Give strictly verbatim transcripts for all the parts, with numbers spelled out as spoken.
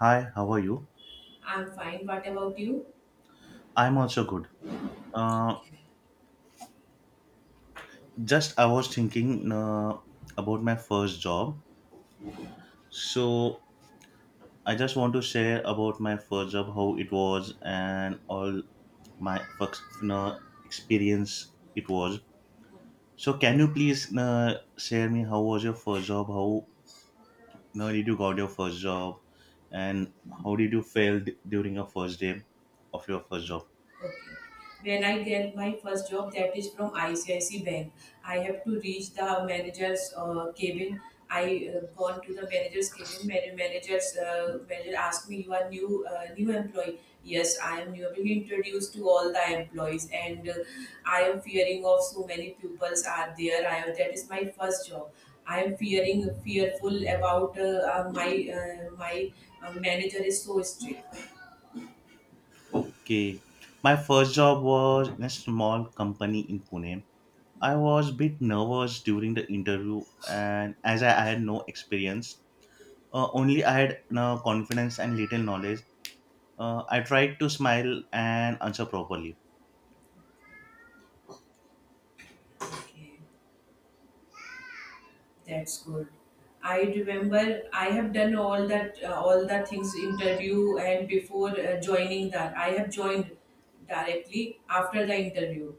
Hi, how are you? I'm fine. What about you? I'm also good. Uh, just I was thinking uh, about my first job. So I just want to share about my first job, how it was, and all my first uh, experience it was. So can you please uh, share me how was your first job? How uh, did you got your first job, and how did you fail d- during your first day of your first job? Okay. When I get my first job, that is from I C I C I Bank, I have to reach the manager's uh, cabin. I uh, gone to the manager's cabin. Man- Manager's uh, manager asked me, "You are new, uh, new employee." Yes, I am new. He introduced to all the employees, and uh, I am fearing of so many pupils are there. I am, that is my first job. I am fearing, fearful about uh, uh, my uh, my uh, manager is so strict. Okay, my first job was in a small company in Pune. I was a bit nervous during the interview, and as I, I had no experience, uh, only I had no confidence and little knowledge. Uh, I tried to smile and answer properly. Okay, that's good. I remember I have done all that uh, all the things interview and before uh, joining that I have joined directly after the interview.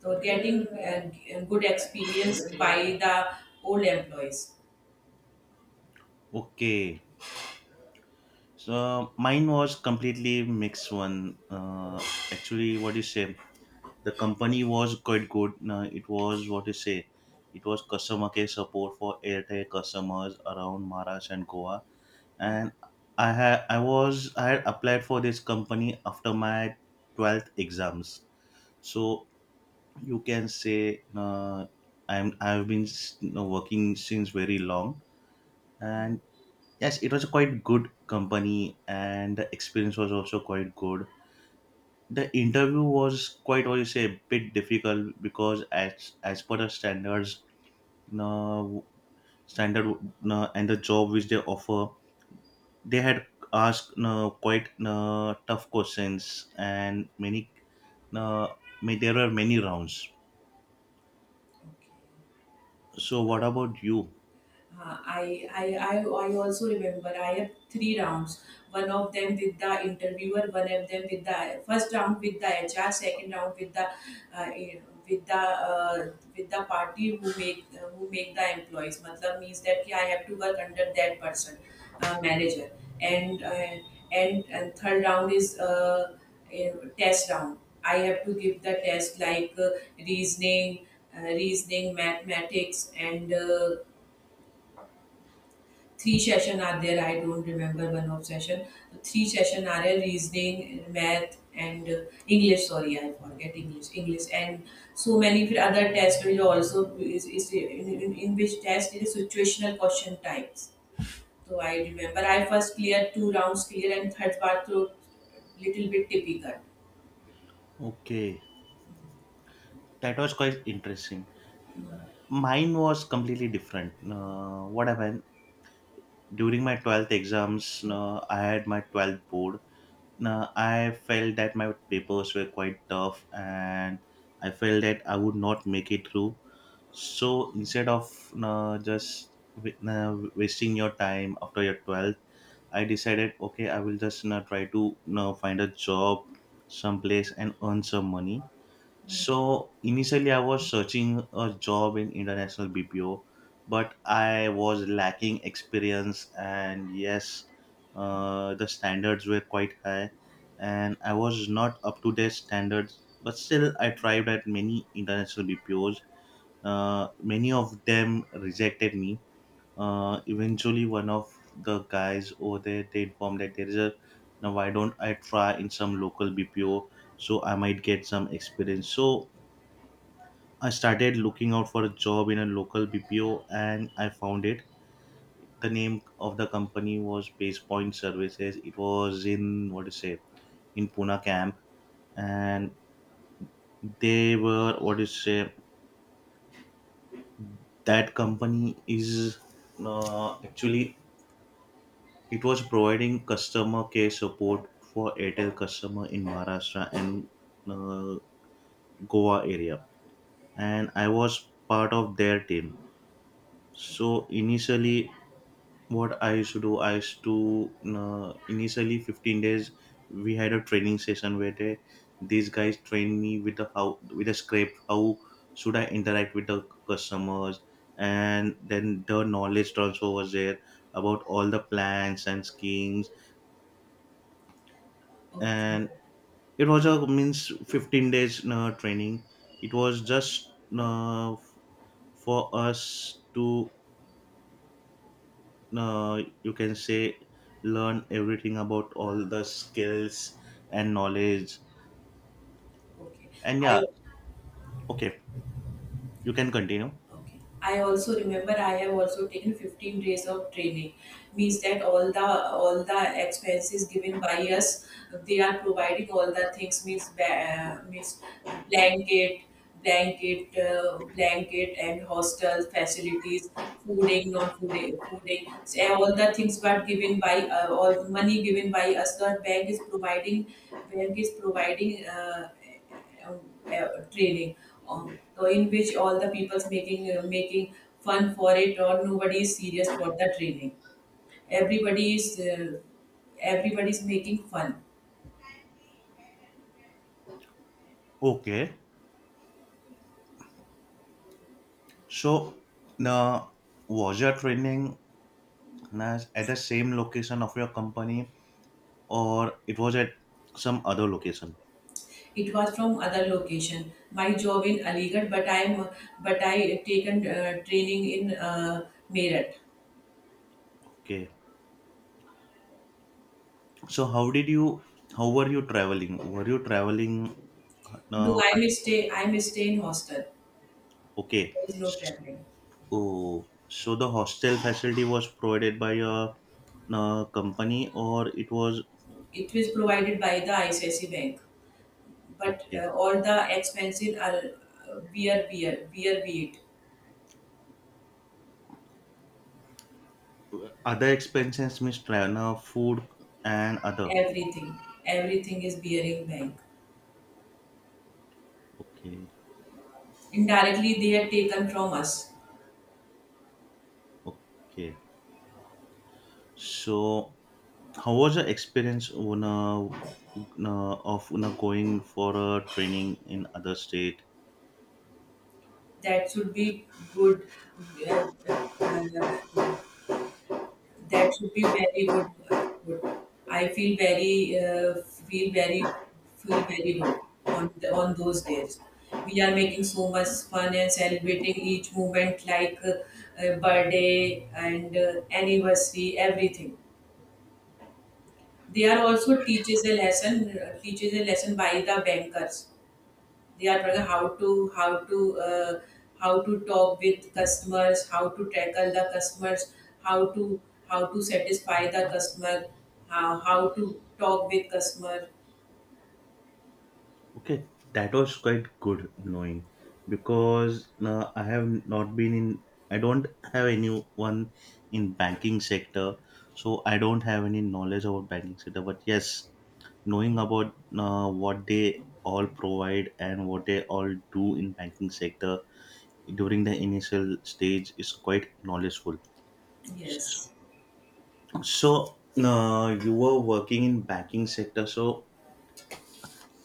So getting uh, g- good experience by the old employees. Okay, so mine was completely mixed one. Uh, Actually, what you say, the company was quite good. Uh, it was, what you say, it was customer care support for Airtel customers around Maharashtra and Goa, and I had I was I had applied for this company after my twelfth exams. So you can say, uh, I'm I've been s- you know, working since very long, and yes, it was a quite good company, and the experience was also quite good. The interview was quite, what you say, a bit difficult because as as per the standards, no standard, no, and the job which they offer, they had asked uh, quite uh, tough questions, and many uh, ma- there were many rounds. Okay. So what about you? Uh, I, I, I, I also remember I had three rounds. One of them with the interviewer, one of them with the first round with the H R, second round with the uh, eh, with the uh, with the party who make uh, who make the employees. Matlab means that कि I have to work under that person, uh, manager. And uh, and and third round is uh, eh, test round. I have to give the test like uh, reasoning, uh, reasoning, mathematics, and uh, three session are there. I don't remember one of session. Three session are there: reasoning, math, and uh, english. Sorry, I forget english english and so many fi- other tests will also is, is in, in, in which test it is situational question types. So I remember I first cleared two rounds clear, and third part through little bit difficult. Okay, that was quite interesting. Mine was completely different. Uh, what happened during my twelfth exams uh, I had my twelfth board uh, I felt that my papers were quite tough, and I felt that I would not make it through. So instead of uh, just wa- uh, wasting your time after your twelfth. I decided, okay, I will just you try to you find a job someplace and earn some money. So initially, I was searching a job in international B P O, but I was lacking experience, and yes, uh, the standards were quite high, and I was not up to their standards. But still, I tried at many international B P Os. Uh, many of them rejected me uh, Eventually, one of the guys over there, they informed that there is a now, why don't I try in some local B P O, so I might get some experience. So I started looking out for a job in a local B P O, and I found it. The name of the company was Base Point Services. It was in, what to say, in Pune Camp, and they were, what to say, that company is, uh, actually, it was providing customer care support for Airtel customer in Maharashtra and, uh, Goa area, and I was part of their team. So initially, what I used to do, I used to uh, initially fifteen days we had a training session where they these guys trained me with the how with a script how should I interact with the customers, and then the knowledge transfer was there about all the plans and schemes. And Okay, it was a means fifteen days uh, training. It was just uh, f- for us to, uh, you can say, learn everything about all the skills and knowledge. okay. And I yeah. Okay, you can continue. Okay. I also remember I have also taken fifteen days of training. Means that all the all the expenses given by us, they are providing all the things. Means ba- uh, means uh, blanket, blanket, uh, blanket, and hostel facilities, fooding, non fooding, fooding. So uh, all the things were given by uh, all the money given by us. The bank is providing. Bank is providing. Uh, uh, uh, training uh, uh, in which all the people's making uh, making fun for it, or nobody is serious for the training. Everybody is uh, everybody is making fun. Okay, so uh, was your training uh, at the same location of your company, or it was at some other location? It was from other location. My job in aligarh, but I am, but I taken uh, training in uh, meerut. Okay. So how did you? How were you traveling? Were you traveling? No, Uh, I may stay, I may stay in hostel. okay. There is no S- traveling. Oh, so the hostel facility was provided by a, uh company, or it was It was provided by the icc bank, but okay. uh, all the expenses are uh, beer beer beer be it. Other expenses means travel, uh, food and other. Everything, everything is bearing bank. Okay, Indirectly, they are taken from us. okay. So how was the experience on, uh, on, uh, of on, uh, going for a training in other state? That should be good. Uh, uh, uh, that should be very good. Uh, good. I feel very, uh, feel very, feel very good on the, on those days. We are making so much fun and celebrating each moment like uh, uh, birthday and uh, anniversary, everything. They are also teaches a lesson, uh, teaches a lesson by the bankers. They are trying how to how to uh, how to talk with customers, how to tackle the customers, how to how to satisfy the customer, how, how to talk with customer. Okay, that was quite good knowing because uh, I have not been in. I don't have anyone in banking sector, so I don't have any knowledge about banking sector. But yes, knowing about uh, what they all provide and what they all do in banking sector during the initial stage is quite knowledgeful. Yes, So uh, you were working in banking sector, so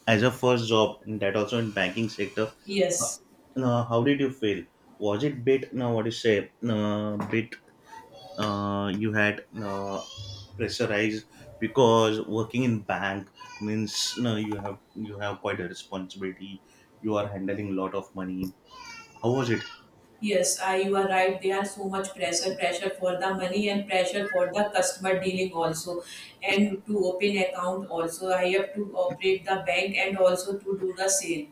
as a first job and that also in banking sector uh, yes. uh, how did you feel? Was it bit, now what you say, uh, bit, uh, you had, uh, pressurized, because working in bank means, no, you have you have quite a responsibility, you are handling lot of money. How was it? Yes, I, you are right. They are so much pressure, pressure for the money and pressure for the customer dealing also, and to open account also. I have to operate the bank and also to do the sale.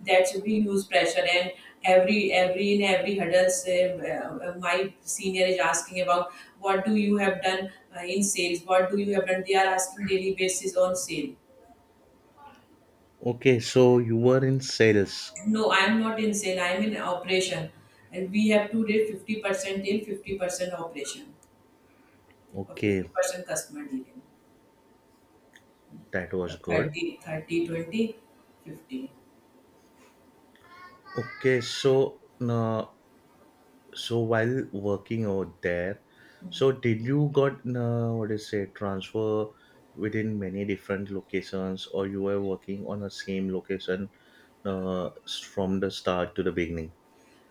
That's we use pressure, and every every in every hurdles. Uh, uh, my senior is asking about what do you have done uh, in sales? What do you have done? They are asking daily basis on sale. Okay, so you were in sales. No, I am not in sale. I am in operation, and we have to do fifty percent in fifty percent operation. और Okay, fifty percent customer दी लें, that was और good. Thirty thirty twenty fifty. Okay, so uh, so while working over there, so did you got, uh, what is say, transfer within many different locations, or you were working on the same location uh, s- from the start to the beginning?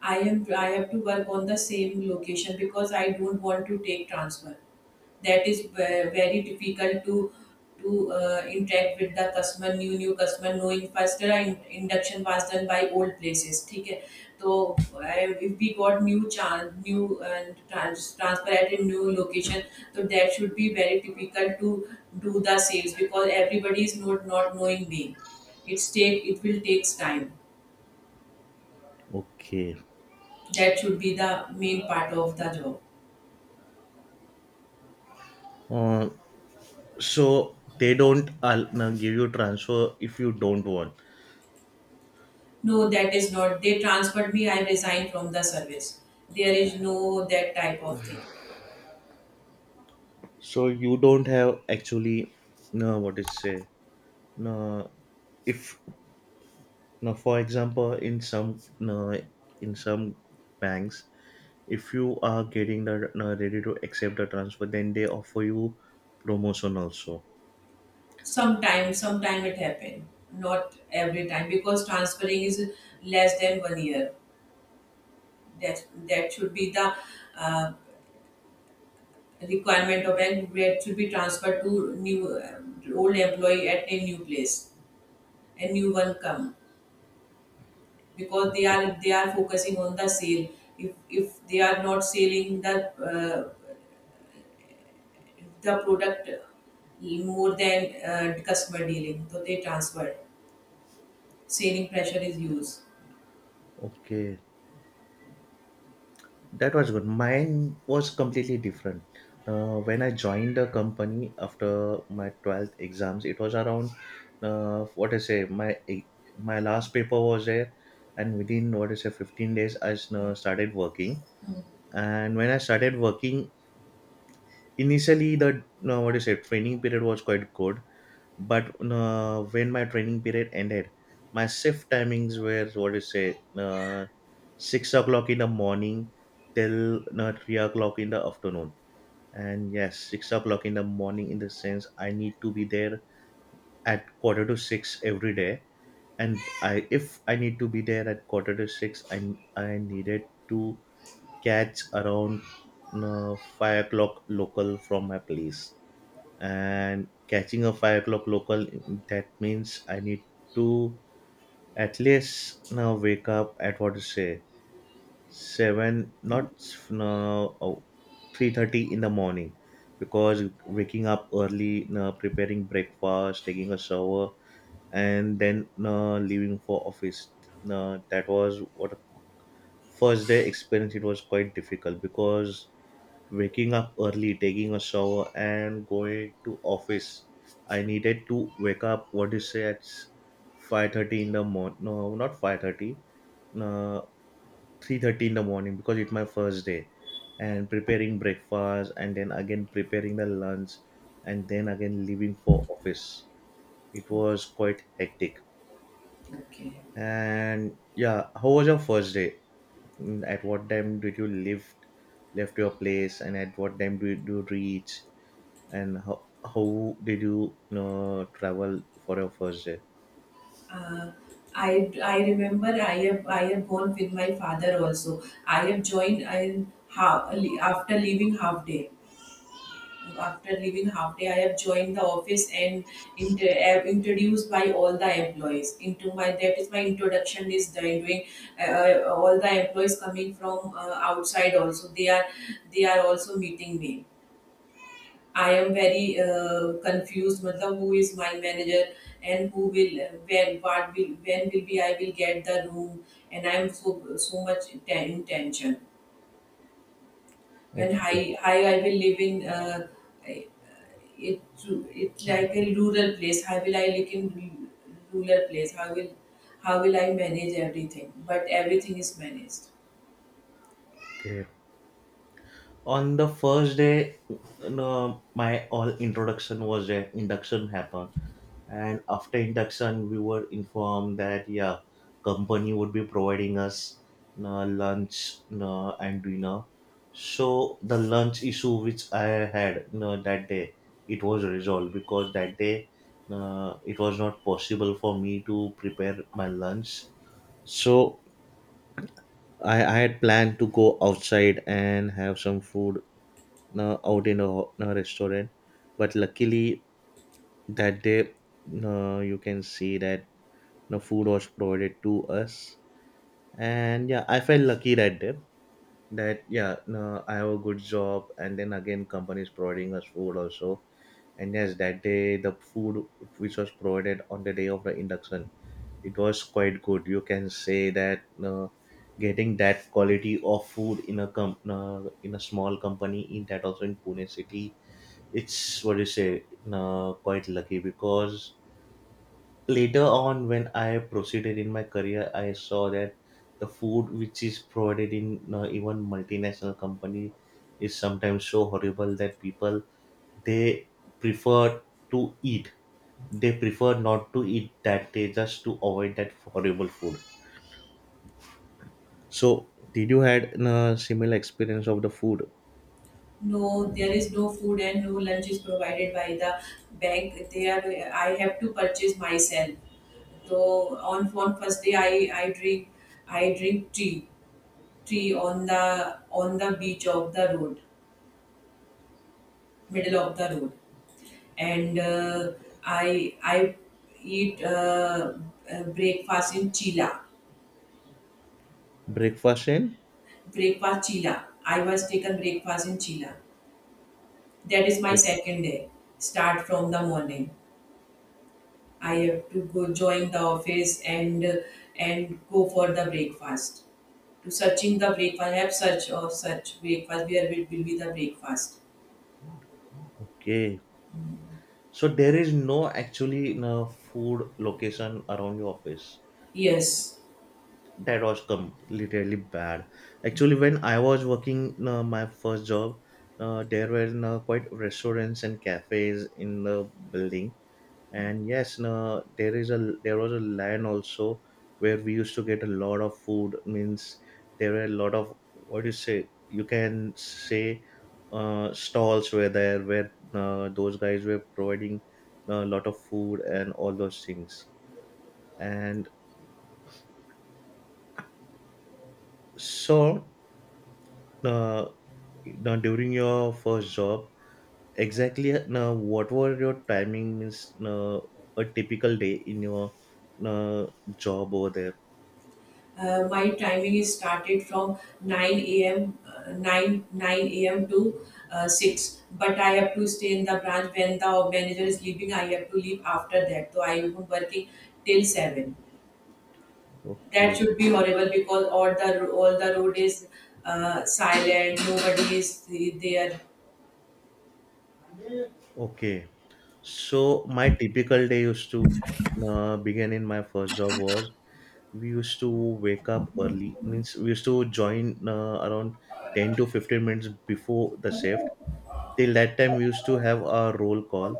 I am I have to work on the same location because I don't want to take transfer. That is ve- very difficult to to uh, interact with the customer, new new customer, knowing faster. I induction was done by old places. ठीक है, तो I, if we got new chance, new uh, trans, transfer at a new location, so that should be very difficult to do the sales because everybody is not not knowing me. It's take it will takes time. Okay, That should be the main part of the job. uh, so they don't al- uh, give you transfer if you don't want? No, that is not. They transferred me, I resigned from the service. There is no that type of thing. So you don't have actually, no, what is say, no, if, no, for example, in some, no, in some banks, if you are getting the, uh, ready to accept the transfer, then they offer you promotion also? Sometimes, sometime it happen. Not every time because transferring is less than one year. That that should be the uh, requirement of, and that should be transferred to new uh, old employee at a new place. A new one come because they are they are focusing on the sale. If if they are not selling the uh, the product more than uh, customer dealing. So they transfer. Selling pressure is used. Okay, that was good. Mine was completely different. Uh, when I joined the company after my twelfth exams, it was around, uh, what I say, my my last paper was there, and within, what I say, fifteen days, I s- uh, started working. And when I started working, initially the, uh, what I say, training period was quite good. But uh, when my training period ended, my shift timings were, what do you say, uh, six o'clock in the morning, till uh, three o'clock in the afternoon, and yes, six o'clock in the morning in the sense I need to be there at quarter to six every day. And I if I need to be there at quarter to six, i, I needed to catch around, uh, five o'clock local from my place, and catching a five o'clock local, that means I need to, at least, now, wake up at, what to say, seven, not, no, three thirty in the morning, because waking up early, no, preparing breakfast, taking a shower, and then, no, leaving for office, no, that was what first day experience. It was quite difficult because waking up early, taking a shower, and going to office, I needed to wake up, what do you say, at five thirty in the morning, no, not five thirty, uh, three thirty in the morning, because it's my first day, and preparing breakfast, and then again preparing the lunch, and then again leaving for office. It Okay. was quite hectic. Okay. And yeah, how was your first day? Mm, at what time did you leave, left your place, and at what time did you reach, and how, how did you, you know, travel for your first day? Uh, I, I remember I have I have gone with my father also. I have joined I half after leaving half day. After leaving half day, I have joined the office and inter- am introduced by all the employees. Into my, that is my introduction is doing uh, uh, all the employees coming from uh, outside also. They are, they are also meeting me. I am very uh, confused. Matlab, who is my manager and who will uh, when what will when will be I will get the room, and I am so so much ten- in tension, and Okay. high, high I will live in uh, I- it. It's like a rural place. How will I live in ru- rural place? How will how will I manage everything? But everything is managed. Okay. On the first day, no, my all introduction was a induction happened, and after induction we were informed that yeah, company would be providing us uh, lunch, uh, and dinner. So the lunch issue which I had, uh, that day it was resolved because that day, uh, it was not possible for me to prepare my lunch. So I, I had planned to go outside and have some food uh, out in a, in a restaurant, but luckily that day, uh, you can see that the food was provided to us, and yeah, I felt lucky that day that yeah, no, I have a good job, and then again company is providing us food also. And yes, that day the food which was provided on the day of the induction, it was quite good. You can say that, uh, getting that quality of food in a com- uh, in a small company, in that also in Pune city, it's, what do you say, uh, quite lucky, because later on, when I proceeded in my career, I saw that the food which is provided in, uh, even multinational company is sometimes so horrible that people, they prefer to eat, they prefer not to eat that day just to avoid that horrible food. So did you had a similar experience of the food? No, there is no food and no lunch is provided by the bank. They are, I have to purchase myself. So on on first day I, I drink, I drink tea, tea on the on the beach of the road, middle of the road, and uh, I I eat uh, uh, breakfast in Chila. Breakfast in. Breakfast Chila. I was taken breakfast in Chila. That is my Yeah. second day. Start from the morning. I have to go join the office and uh, and go for the breakfast. To searching the breakfast, I have search of search breakfast. Where it will be the breakfast? Okay. So there is no actually no food location around your office. Yes. That was completely bad. Actually, when I was working, uh, my first job, uh, there were, uh, quite restaurants and cafes in the building, and yes, no, there is a there was a land also where we used to get a lot of food means, there were a lot of, what do you say, you can say, uh, stalls were there where, uh, those guys were providing a lot of food and all those things. And so, uh, now, during your first job, exactly, now what were your timing means, uh, a typical day in your, uh, job over there? Uh, my timing is started from nine a m. Uh, nine nine a m to uh, six, but I have to stay in the branch. When the manager is leaving, I have to leave after that. So I am working till seven. That Okay. should be horrible because all the ro- all the road is uh, silent, nobody is there. Okay. So my typical day used to uh, begin in my first job was, we used to wake up early. Means we used to join, uh, around ten to fifteen minutes before the shift. Till that time, we used to have a roll call.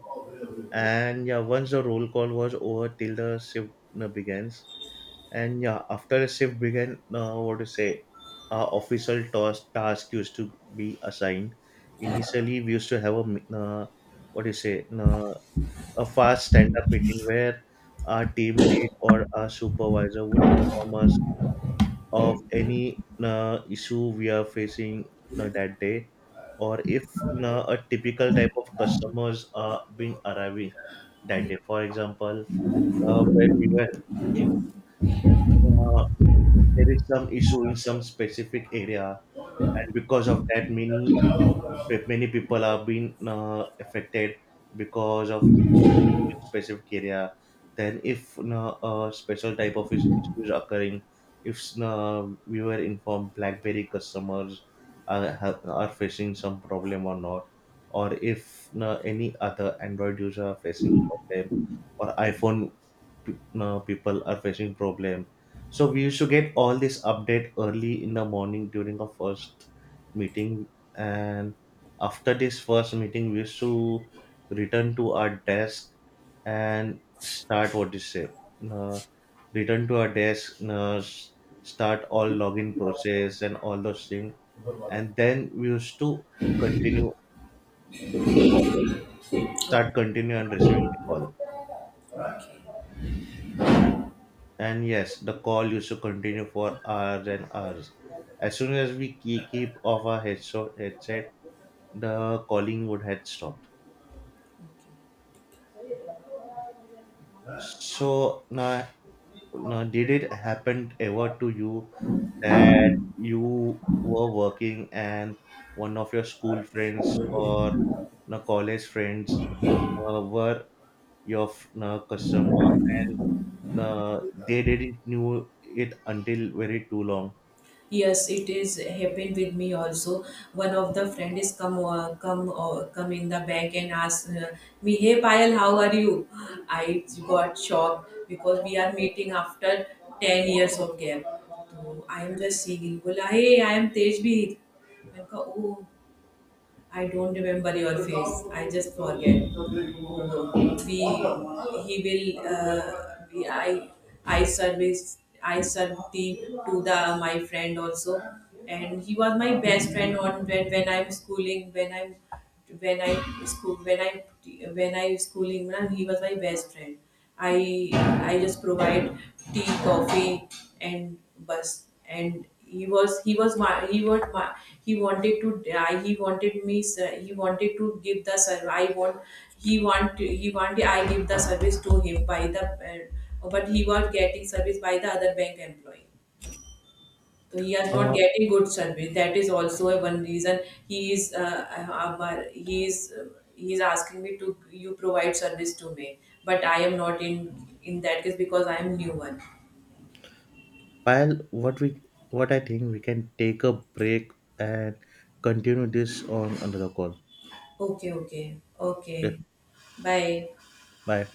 And yeah, once the roll call was over, till the shift uh, begins. And yeah, after the shift began, uh, what to say, uh, official task task used to be assigned. Initially, we used to have a mi- uh, what do you say? Uh, a fast stand-up meeting where our team lead or our supervisor would inform us of any uh, issue we are facing uh, that day, or if, uh, a typical type of customers are being arriving that day, for example, uh, when we were, if uh, there is some issue in some specific area, and because of that, many pe- many people are being uh, affected because of in specific area. Then if, uh, a special type of is- issue is occurring, if uh, we were informed Blackberry customers are, have, are facing some problem or not, or if uh, any other Android user are facing problem, or iPhone p- uh, people are facing problem. So we used to get all this update early in the morning during our first meeting. And after this first meeting, we used to return to our desk and start, what is it? Say, uh, return to our desk, uh, s- start all login process and all those things. And then we used to continue the call, start, continue, and receiving the call. And yes, the call used to continue for hours and hours. As soon as we ke- keep off our headset, headset the calling would had stopped. So now, now, did it happen ever to you that you were working and one of your school friends or, now, college friends, uh, were your f- now, customer, and uh, they didn't knew it until very too long? Yes, it is happened with me also. One of the friend is come uh, come uh, come in the back and ask uh, me, "Hey Payal, how are you?" I got shocked because we are meeting after ten years of gap. So I am just singing. Bola, hey, I am Tejbir. मैंने कहा ओ. I don't remember your face. I just forget. We, he will uh, we, I I service, I served tea to the my friend also, and he was my best friend on when when I'm schooling. When I'm when I school, when I when I schooling man, he was my best friend. I I just provide tea, coffee, and bus. And he was he was my, he was my, he wanted to, I he wanted me ser- he wanted to give the service. I want he want, he wanted I give the service to him by the uh, but he was getting service by the other bank employee. So he is not getting good service. That is also a one reason he is uh, uh, he is uh, he is asking me to you provide service to me, but I am not in in that case because I am new one. Payal, what we what I think we can take a break and continue this on another call. Okay, okay, Okay, okay. Bye. bye.